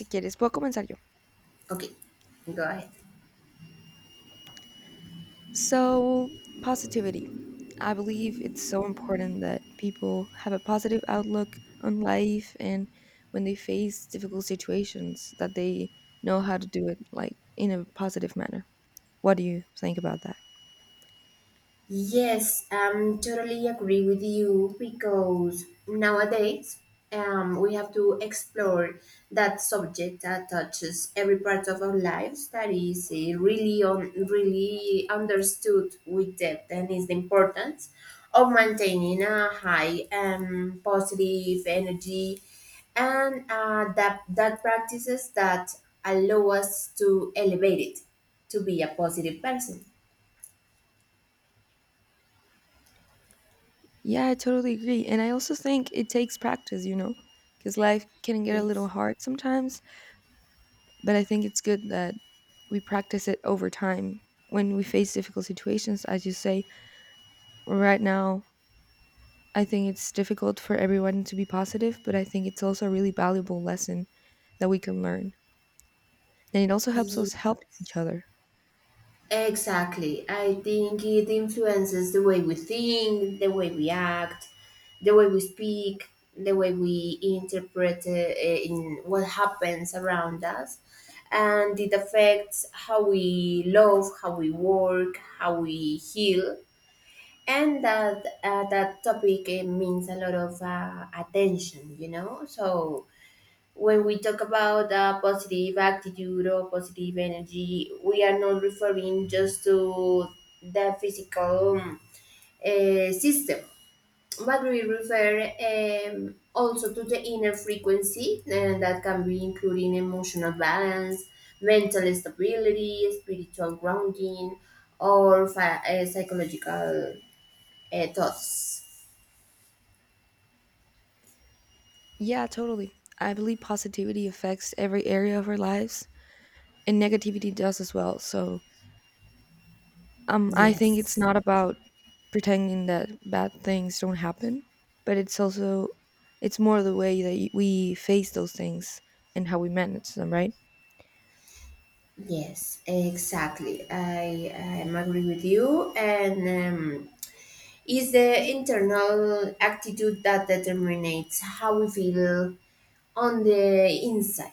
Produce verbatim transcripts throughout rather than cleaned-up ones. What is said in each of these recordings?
Si quieres, puedo comenzar yo. Okay, go ahead. So, positivity. I believe it's so important that people have a positive outlook on life and when they face difficult situations that they know how to do it like in a positive manner. What do you think about that? Yes, um, totally agree with you because nowadays um, we have to explore that subject that touches every part of our lives that is uh, really on really understood with depth, and is the importance of maintaining a high um, positive energy and uh, that that practices that allow us to elevate it to be a positive person. Yeah, I totally agree. And I also think it takes practice, you know, cuz life can get a little Yes. hard sometimes, but I think it's good that we practice it over time. When we face difficult situations, as you say, right now I think it's difficult for everyone to be positive, but I think it's also a really valuable lesson that we can learn. And it also helps us Ye- help each other. Exactly. I think it influences the way we think, the way we act, the way we speak, the way we interpret uh, in what happens around us. And it affects how we love, how we work, how we heal. And that uh, that topic uh, means a lot of uh, attention, you know. So when we talk about a positive attitude or positive energy, we are not referring just to the physical um, uh, system, but we refer um, also to the inner frequency, and that can be including emotional balance, mental stability, spiritual grounding, or fi- uh, psychological uh, thoughts. Yeah, totally. I believe positivity affects every area of our lives, and negativity does as well. So, um, I think it's Yes. not about pretending that bad things don't happen, but it's also it's more the way that y- we face those things and how we manage them, right? Yes, exactly. I, I am agree with you. And um, is the internal attitude that determines how we feel on the inside.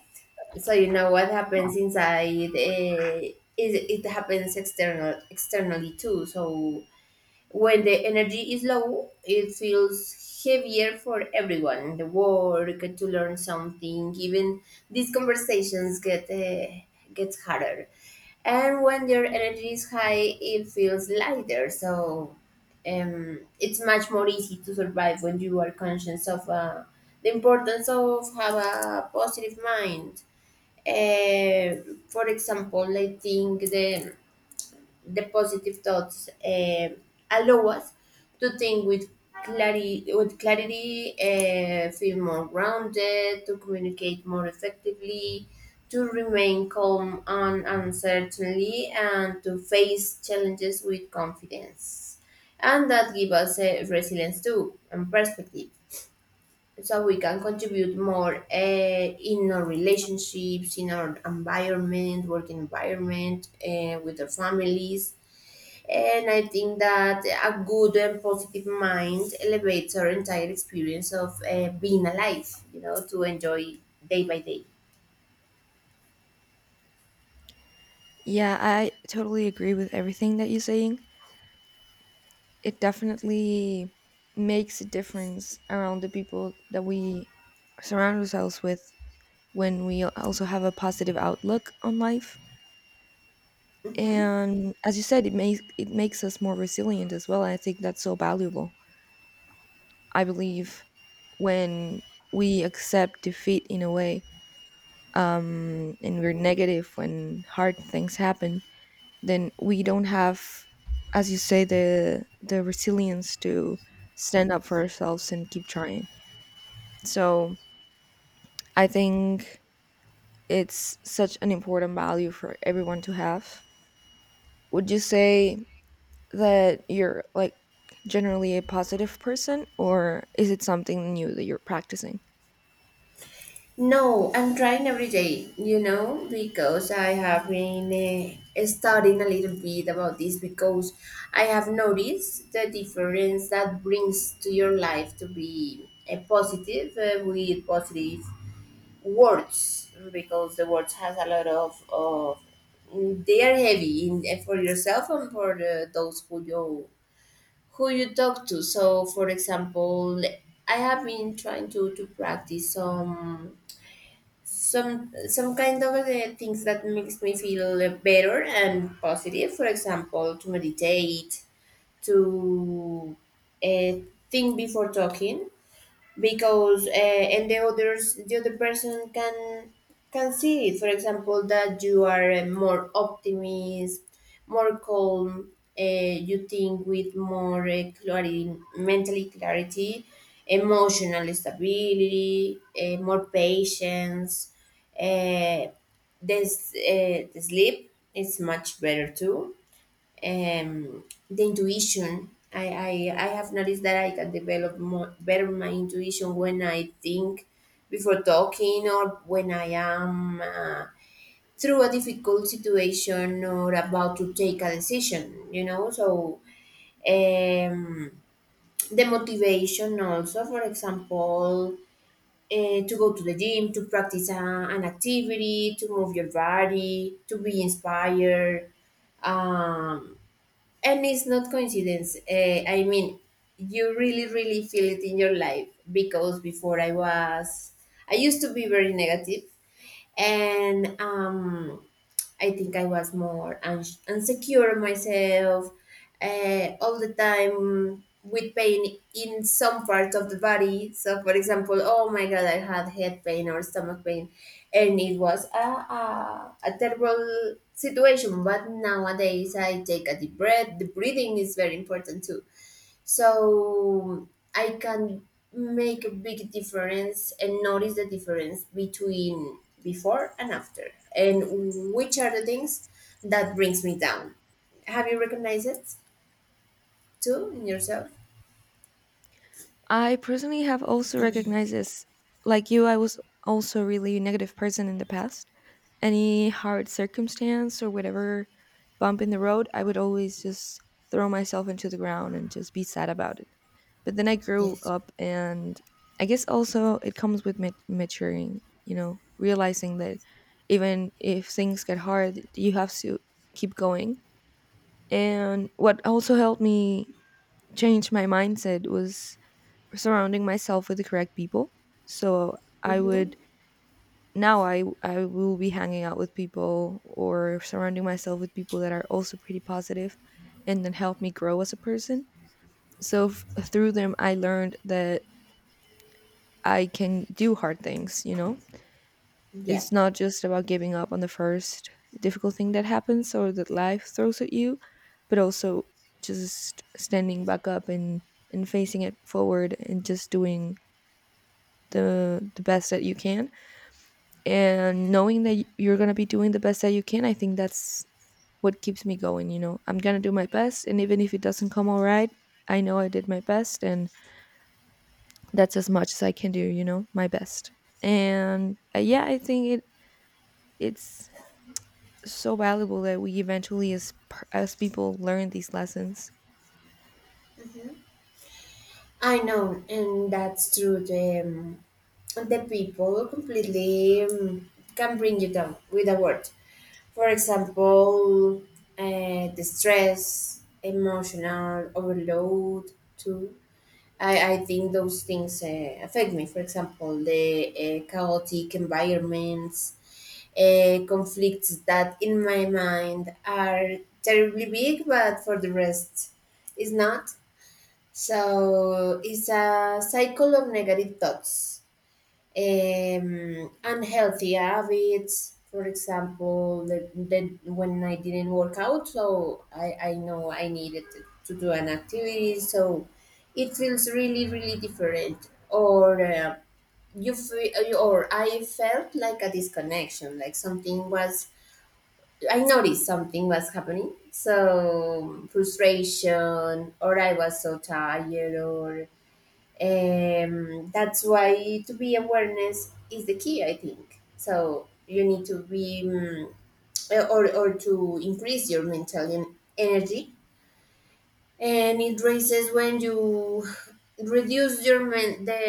So you know what happens inside. Uh, it, it happens external externally too. So when the energy is low, it feels heavier for everyone. The work to learn something, even these conversations get uh, gets harder, and when your energy is high it feels lighter, so um, it's much more easy to survive when you are conscious of uh, the importance of have a positive mind. Uh, for example i think the the positive thoughts uh, allow us to think with clarity, with clarity, uh, feel more grounded, to communicate more effectively, to remain calm and uncertainty, and to face challenges with confidence. And that give us uh, resilience too and perspective. So we can contribute more uh, in our relationships, in our environment, working environment, uh, with our families, and I think that a good and positive mind elevates our entire experience of uh, being alive, you know, to enjoy day by day. Yeah, I totally agree with everything that you're saying. It definitely makes a difference around the people that we surround ourselves with when we also have a positive outlook on life, Hmm. and as you said, it makes it makes us more resilient as well, and I think that's so valuable. I believe when we accept defeat in a way, um and we're negative when hard things happen, then we don't have, as you say, the the resilience to stand up for ourselves and keep trying. So I think it's such an important value for everyone to have. Would you say that you're like generally a positive person, or is it something new that you're practicing? No, I'm trying every day, you know, because I have been uh, studying a little bit about this, because I have noticed the difference that brings to your life to be uh, positive, uh, with positive words, because the words has a lot of, of they are heavy in, for yourself and for the, those who you who you talk to. So for example, I have been trying to to practice some some some kind of uh, things that makes me feel better and positive. For example, to meditate, to uh, think before talking, because uh, and the others the other person can can see it. For example, that you are uh, more optimist, more calm, uh, you think with more uh, clarity, mentally clarity, emotional stability, uh, more patience, uh, this uh, the sleep is much better too, um, the intuition. I, I, I have noticed that I can develop more, better my intuition when I think before talking, or when I am uh, through a difficult situation or about to take a decision, you know. So, um, the motivation also, for example, uh, to go to the gym, to practice uh, an activity, to move your body, to be inspired. Um, and it's not coincidence, uh, I mean, you really really feel it in your life, because before i was i used to be very negative, and um, I think I was more uns- insecure myself, uh, all the time with pain in some parts of the body. So, for example, oh my God, I had head pain or stomach pain, and it was a, a, a terrible situation. But nowadays, I take a deep breath. The breathing is very important too, so I can make a big difference and notice the difference between before and after, and which are the things that brings me down. Have you recognized it too in yourself? I personally have also recognized this. Like you, I was also a really negative person in the past. Any hard circumstance or whatever bump in the road, I would always just throw myself into the ground and just be sad about it. But then I grew Yes. up, and I guess also it comes with mat- maturing, you know, realizing that even if things get hard, you have to keep going. And what also helped me change my mindset was surrounding myself with the correct people. So I Mm-hmm. would, now I I will be hanging out with people or surrounding myself with people that are also pretty positive and then help me grow as a person. So f- through them I learned that I can do hard things, you know. Yeah, It's not just about giving up on the first difficult thing that happens or that life throws at you, but also just standing back up and and facing it forward and just doing the the best that you can, and knowing that y- you're going to be doing the best that you can. I think that's what keeps me going, you know. I'm going to do my best, and even if it doesn't come all right, I know I did my best, and that's as much as I can do, you know, my best. And uh, yeah, I think it it's so valuable that we eventually as per- as people learn these lessons. I know, and that's true. The um, the people completely um, can bring you down with a word. For example, uh, the stress, emotional overload, too. I, I think those things uh, affect me. For example, the uh, chaotic environments, uh, conflicts that in my mind are terribly big, but for the rest is not. So it's a cycle of negative thoughts, um, unhealthy habits. For example, the, the, when I didn't work out, so I, I know I needed to, to do an activity. So it feels really, really different. Or uh, you feel, or I felt like a disconnection, like something was. I noticed something was happening. So frustration, or I was so tired, or. Um, that's why to be awareness is the key, I think. So you need to be um, or or to increase your mental en- energy, and it raises when you reduce your men- the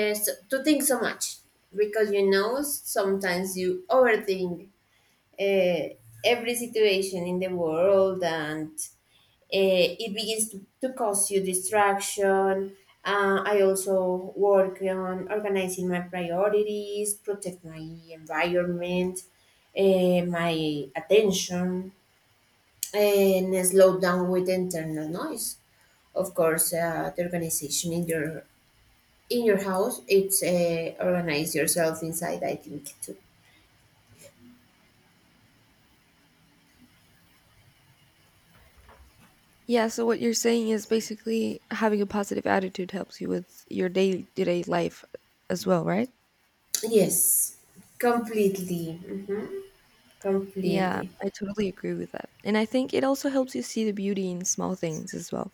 to think so much, because you know sometimes you overthink uh, every situation in the world, and eh, it begins to, to cause you distraction. Uh, I also work on organizing my priorities, protect my environment, eh, my attention, and slow down with internal noise. Of course, uh, the organization in your in your house, it's uh, organize yourself inside. I think too. Yeah, so what you're saying is basically having a positive attitude helps you with your day-to-day life as well, right? Yes, completely. Hmm. Yeah, Completely. I totally agree with that. And I think it also helps you see the beauty in small things as well.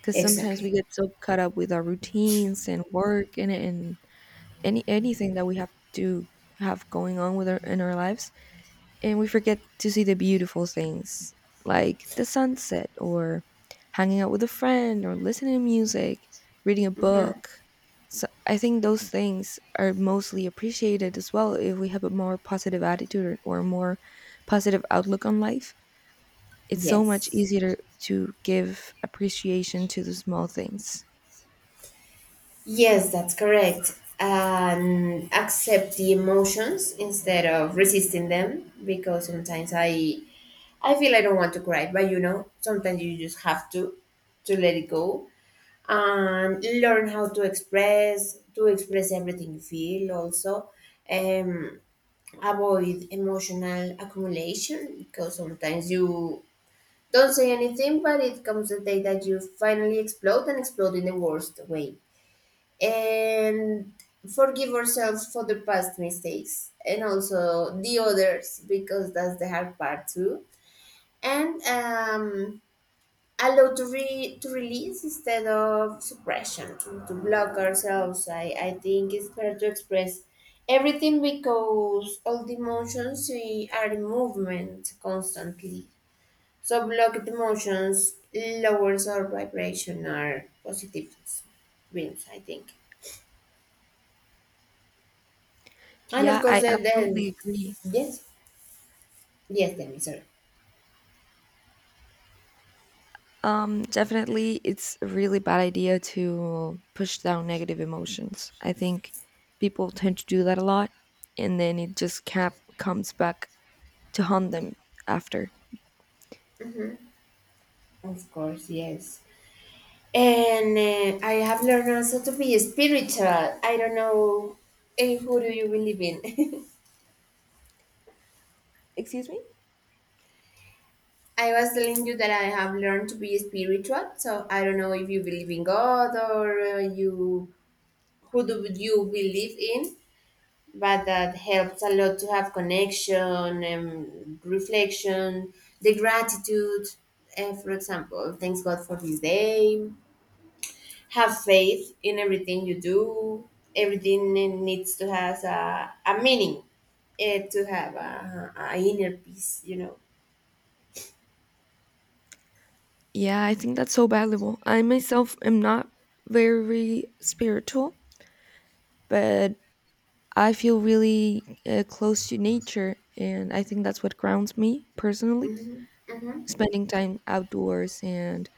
Because sometimes Exactly. we get so caught up with our routines and work, and, and any anything that we have to have going on with our in our lives, and we forget to see the beautiful things like the sunset, or hanging out with a friend, or listening to music, reading a Hmm. book. So I think those things are mostly appreciated as well. If we have a more positive attitude, or, or a more positive outlook on life, it's so much Yes. easier to give appreciation to the small things. Yes, that's correct. And accept the emotions instead of resisting them, because sometimes I I feel I don't want to cry, but you know, sometimes you just have to to let it go, and learn how to express to express everything you feel also, um avoid emotional accumulation, because sometimes you don't say anything, but it comes the day that you finally explode and explode in the worst way, and forgive ourselves for the past mistakes and also the others, because that's the hard part too. And um, allow to, re- to release instead of suppression, to, to block ourselves. I, I think it's better to express everything, because all the emotions we are in movement constantly, so blocked emotions lowers our vibration, our positive wins, I think. And of Yeah, course, I then, absolutely then agree. yes, yes, then, sorry. Um, definitely, it's a really bad idea to push down negative emotions. I think people tend to do that a lot, and then it just cap- comes back to haunt them after. Hmm. Of course, yes. And uh, I have learned also to be spiritual. I don't know eh, who do you believe in. Excuse me? I was telling you that I have learned to be spiritual, so I don't know if you believe in God, or uh, you who do you believe in, but that helps a lot to have connection and reflection, the gratitude, uh, for example, thanks God for this day, have faith in everything you do. Everything needs to has a, a meaning, eh, to have a, a inner peace, you know. Yeah, I think that's so valuable. I myself am not very spiritual, but I feel really uh, close to nature, and I think that's what grounds me personally. Hmm. Hmm. Spending time outdoors and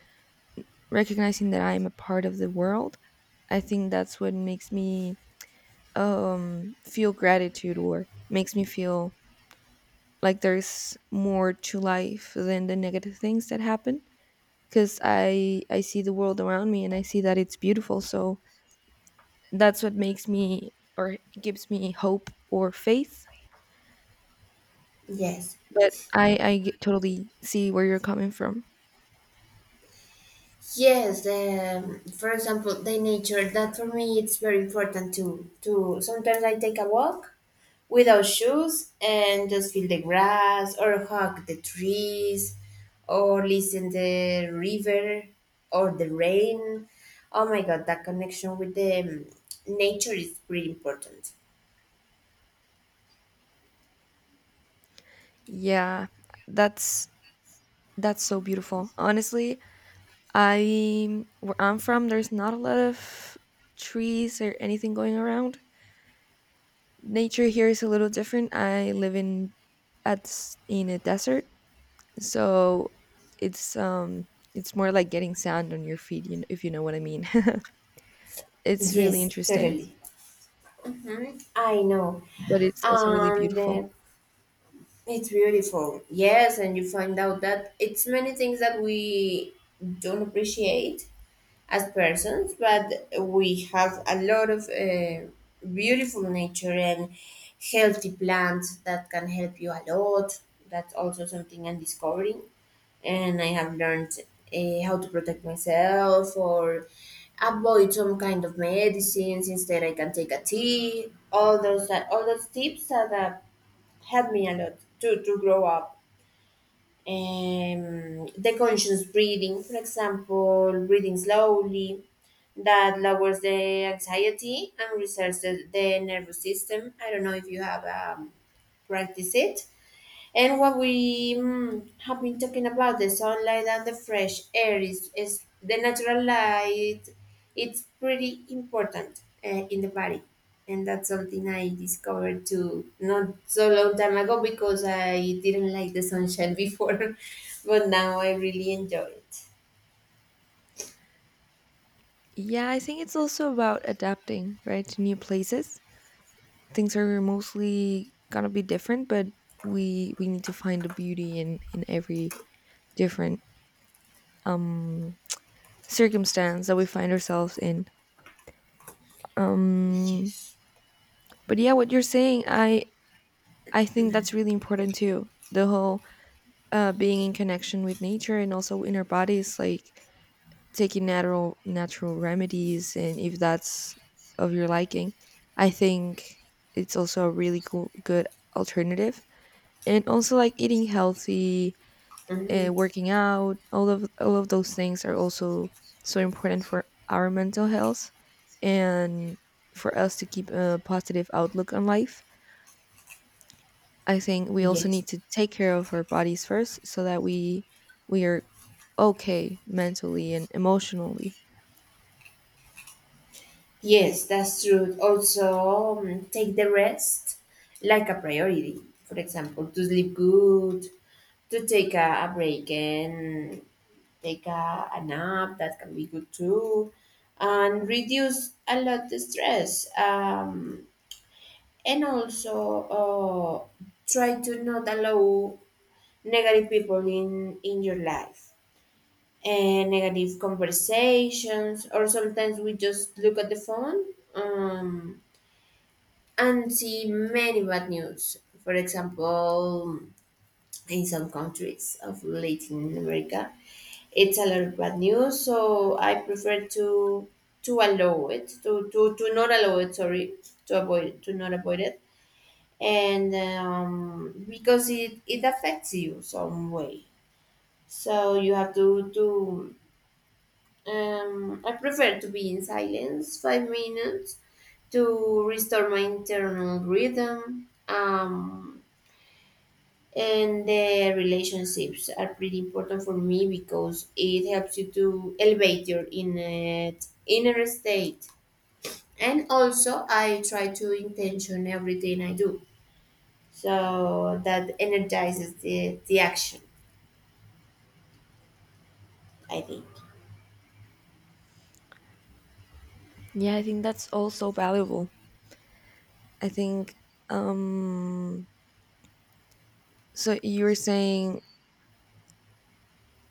recognizing that I am a part of the world, I think that's what makes me um feel gratitude, or makes me feel like there's more to life than the negative things that happen, because I I see the world around me and I see that it's beautiful. So that's what makes me or gives me hope or faith. Yes. But I I get- totally see where you're coming from. Yes, the for example, the nature that for me it's very important to to sometimes I take a walk without shoes and just feel the grass, or hug the trees, or listen the river, or the rain. Oh my God, that connection with the um, nature is really important. Yeah, that's that's so beautiful. Honestly, I, where I'm from, there's not a lot of trees or anything going around. Nature here is a little different. I live in, at s- in a desert, so it's um it's more like getting sand on your feet, you know, if you know what I mean. It's really Yes, interesting, totally. Mhm, I know. but it's also really And beautiful. uh, it's beautiful. Yes, and you find out that it's many things that we don't appreciate as persons, but we have a lot of uh, beautiful nature and healthy plants that can help you a lot. That's also something I'm discovering. And I have learned uh, how to protect myself or avoid some kind of medicines. Instead, I can take a tea. All those, all those tips that uh, helped me a lot to, to grow up. Um, the conscious breathing, for example, breathing slowly, that lowers the anxiety and resets the, the nervous system. I don't know if you have um, practiced it. And what we mm, have been talking about, the sunlight and the fresh air is, is the natural light. It's pretty important uh, in the body, and that's something I discovered too not so long time ago, because I didn't like the sunshine before, but now I really enjoy it. Yeah, I think it's also about adapting, right, to new places. Things are mostly gonna be different, but we we need to find the beauty in in every different um circumstance that we find ourselves in. Um Yes. but yeah, what you're saying, I I think that's really important too. The whole uh, being in connection with nature, and also in our bodies, like taking natural natural remedies, and if that's of your liking, I think it's also a really cool, good alternative. And also like eating healthy, uh, Mhm. working out, all of all of those things are also so important for our mental health, and for us to keep a positive outlook on life. I think we also Yes, need to take care of our bodies first so that we we are okay mentally and emotionally. yes, that's true. Also, um, take the rest like a priority. For example, to sleep good, to take a, a break and take a, a nap that can be good too and reduce a lot the stress um, and also uh, try to not allow negative people in in your life and negative conversations, or sometimes we just look at the phone, um, and see many bad news, for example in some countries of Latin America. It's a lot of bad news, so I prefer to to allow it to to, to not allow it, sorry, to avoid, to not avoid it. And um, because it it affects you some way, so you have to to um, I prefer to be in silence five minutes to restore my internal rhythm, um, and the relationships are pretty important for me because it helps you to elevate your inner inner state. And also I try to intention everything I do, so that energizes the, the action, I think. Yeah, I think that's also valuable. I think um so you were saying,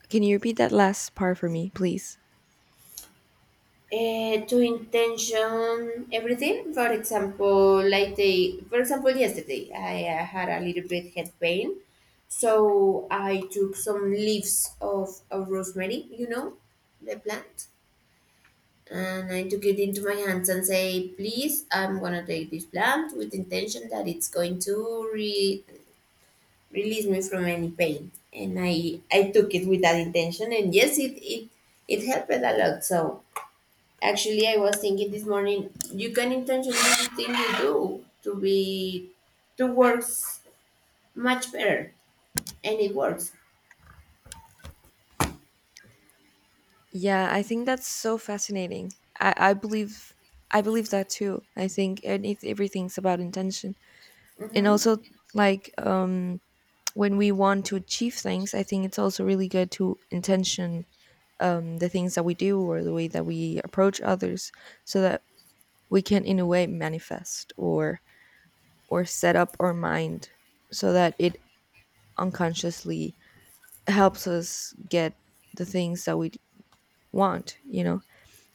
can you repeat that last part for me, please? Uh, to intention everything, for example, like the for example yesterday I uh, had a little bit head pain, so I took some leaves of, of rosemary, you know, the plant. And I took it into my hands and say, please, I'm gonna take this plant with intention that it's going to re- release me from any pain. And i i took it with that intention, and yes, it it, it helped a lot. So actually, I was thinking this morning, you can intentionally do thing you do to be to works much better, and it works. Yeah, I think that's so fascinating. I, I believe I believe that too. I think, and it, everything's about intention. And Hmm. also like um when we want to achieve things, I think it's also really good to intention um, the things that we do or the way that we approach others, so that we can in a way manifest, or or set up our mind so that it unconsciously helps us get the things that we want, you know,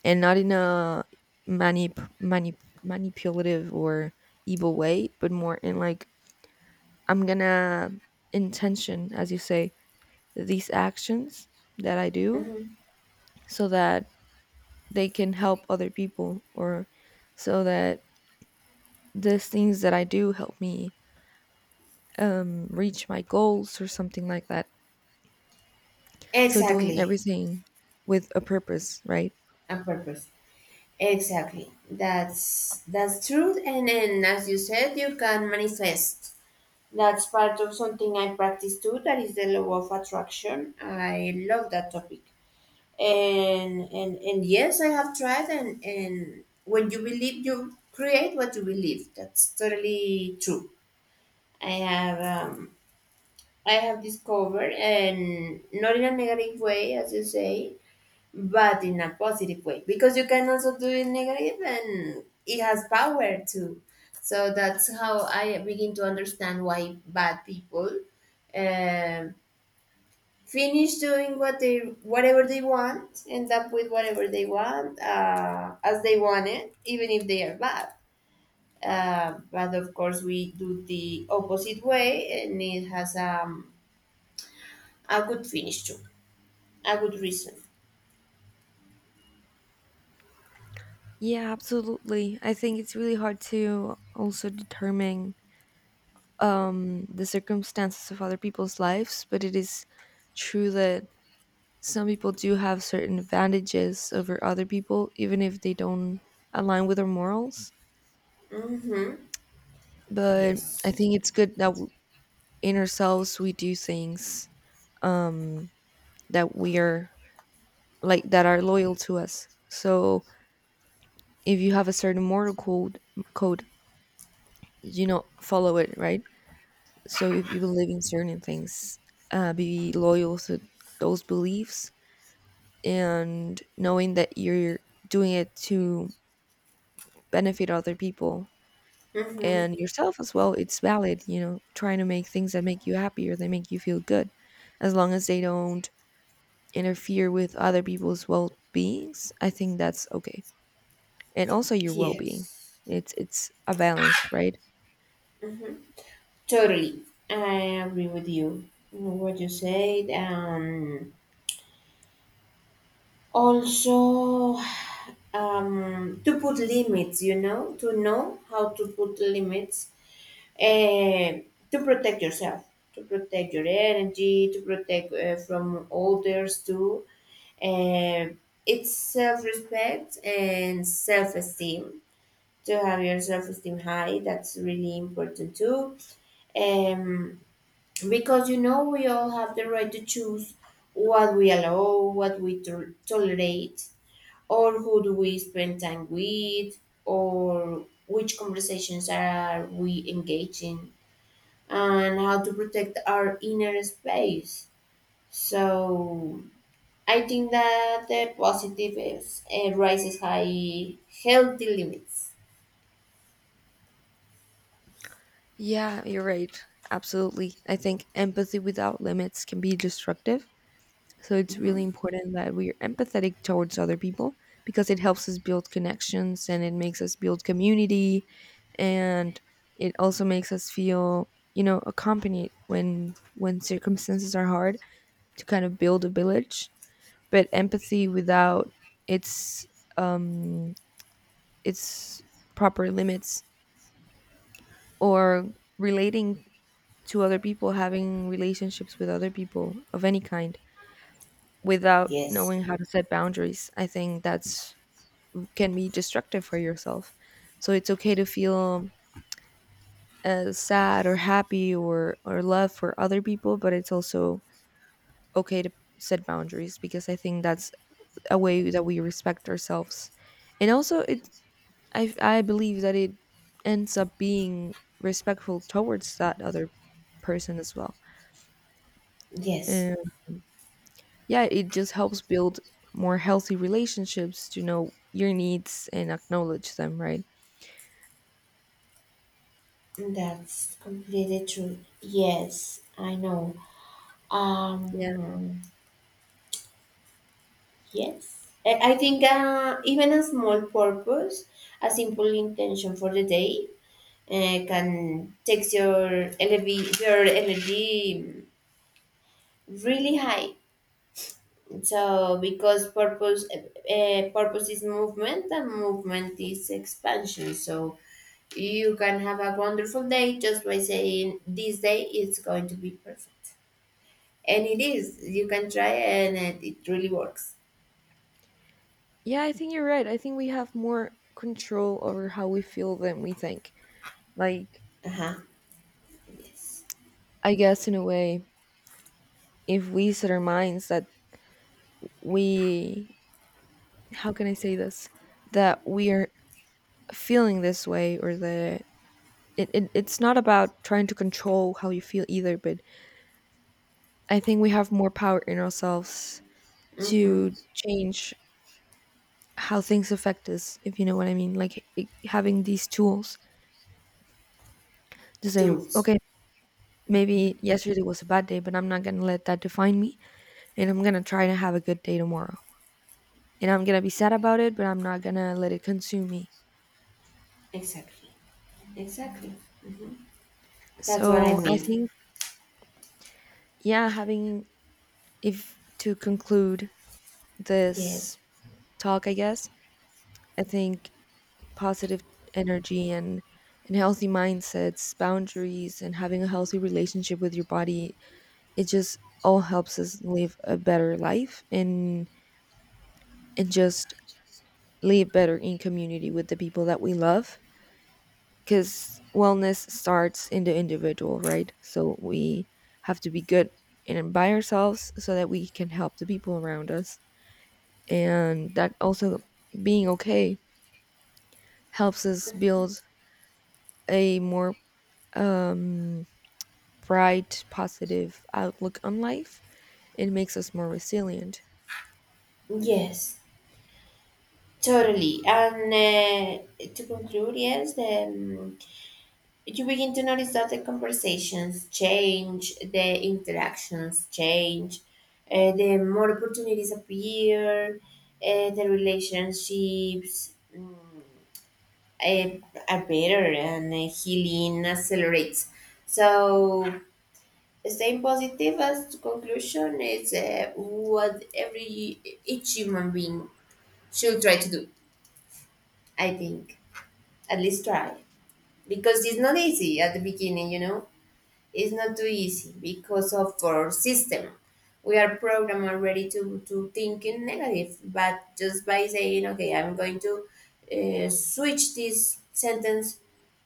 and not in a manip- manip- manipulative or evil way, but more in like I'm gonna intention, as you say, these actions that I do, Hmm. so that they can help other people, or so that these things that I do help me um, reach my goals or something like that. So doing Exactly, everything with a purpose, right? a purpose. Exactly. That's that's true. And then, as you said, you can manifest. That's part of something I practice too. That is the law of attraction. I love that topic. and and and yes, I have tried. And and when you believe, you create what you believe. That's totally true. I have, um I have discovered, and not in a negative way, as you say, but in a positive way, because you can also do it negative and it has power too. So that's how I begin to understand why bad people, um finish doing what they, whatever they want, end up with whatever they want, uh, as they want it, even if they are bad. Uh, but of course we do the opposite way, and it has, um, a good finish too, a good reason. Yeah, absolutely. I think it's really hard to also determine um, the circumstances of other people's lives, but it is true that some people do have certain advantages over other people, even if they don't align with their morals. Mm-hmm. But I Yes. think it's good that w- in ourselves we do things um, that we are like, that are loyal to us. So if you have a certain moral code, code, you know, follow it, right? So if you believe in certain things, uh, be loyal to those beliefs, and knowing that you're doing it to benefit other people mm-hmm. and yourself as well. It's valid, you know, trying to make things that make you happier, that make you feel good, as long as they don't interfere with other people's well beings, I think that's okay. And also your well being. Yes. It's it's a balance, right? mm-hmm. Totally. I agree with you what you said. um Also, um, to put limits, you know, to know how to put limits, eh, to protect yourself, to protect your energy, to protect uh, from others too. Eh, it's self respect and self esteem. To have your self esteem high, that's really important too. Um, because, you know, we all have the right to choose what we allow, what we to- tolerate, or who do we spend time with, or which conversations are we engaging, and how to protect our inner space. So I think that the positive is uh, raises high healthy limits. Yeah, you're right. Absolutely. I think empathy without limits can be destructive. So it's really Mhm. important that we're empathetic towards other people, because it helps us build connections, and it makes us build community, and it also makes us feel, you know, accompanied when when circumstances are hard, to kind of build a village. But empathy without its um its proper limits, or relating to other people, having relationships with other people of any kind without Yes, knowing how to set boundaries, I think that's can be destructive for yourself. So it's okay to feel uh, sad or happy, or or love for other people, but it's also okay to set boundaries, because I think that's a way that we respect ourselves. And also it, I I believe that it ends up being respectful towards that other person as well. yes, And yeah, it just helps build more healthy relationships, to know your needs and acknowledge them, right? that's completely true. Yes, I know. Yeah. Um, Yes. I I think uh, even a small purpose, a simple intention for the day, uh, can take your energy, your energy really high. So because purpose, uh, purpose is movement, and movement is expansion. So you can have a wonderful day just by saying this day is going to be perfect, and it is. You can try, and it, it really works. Yeah, I think you're right. I think we have more control over how we feel than we think. Like, Uh huh. Yes. I guess in a way, if we set our minds that we, how can I say this? That we are feeling this way, or that it, it it's not about trying to control how you feel either, but I think we have more power in ourselves Mm-hmm. to change how things affect us, if you know what I mean. Like, I, having these tools to say, Tools. okay, maybe yesterday was a bad day, but I'm not going to let that define me, and I'm going to try to have a good day tomorrow. And I'm going to be sad about it, but I'm not going to let it consume me. Exactly. Exactly. Mhm. That's what I So I mean. think, yeah, having, if to conclude Yes. this talk, I guess, I think positive energy and and healthy mindsets, boundaries, and having a healthy relationship with your body, it just all helps us live a better life, and and just live better in community with the people that we love, cuz wellness starts in the individual, right? So we have to be good and by ourselves so that we can help the people around us. And that also being okay helps us build a more um bright, positive outlook on life. It makes us more resilient. Yes, totally. And uh, to conclude, yes, um, you begin to notice that the conversations change, the interactions change, uh, the more opportunities appear, uh, the relationships mm, uh, are better, and uh, healing accelerates. So staying positive as conclusion is uh, what every each human being should try to do. I think, at least try, because it's not easy at the beginning. You know, it's not too easy because of our system. We are programmed already to to think in negative, but just by saying, okay, I'm going to uh, switch this sentence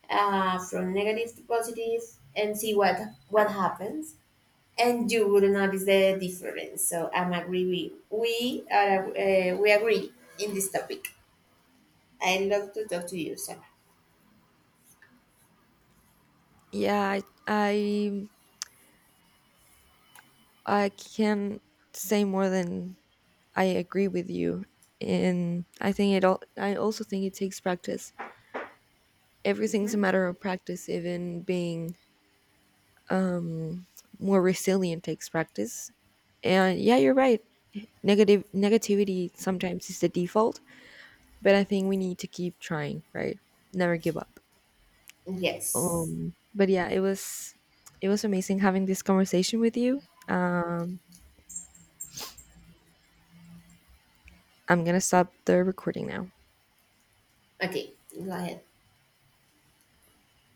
uh, from negative to positive and see what what happens, and you would notice the difference. So I'm agree with we are uh, we agree in this topic. I love to talk to you, Sarah. Yeah, I I, I can say more than I agree with you. And I think it all, I also think it takes practice. Everything's a Hmm. matter of practice, even being um, more resilient takes practice. And yeah, you're right. Negative negativity sometimes is the default, but I think we need to keep trying, right? Never give up. Yes. Um, but yeah, it was it was amazing having this conversation with you. Um, I'm gonna stop the recording now. Okay, go ahead.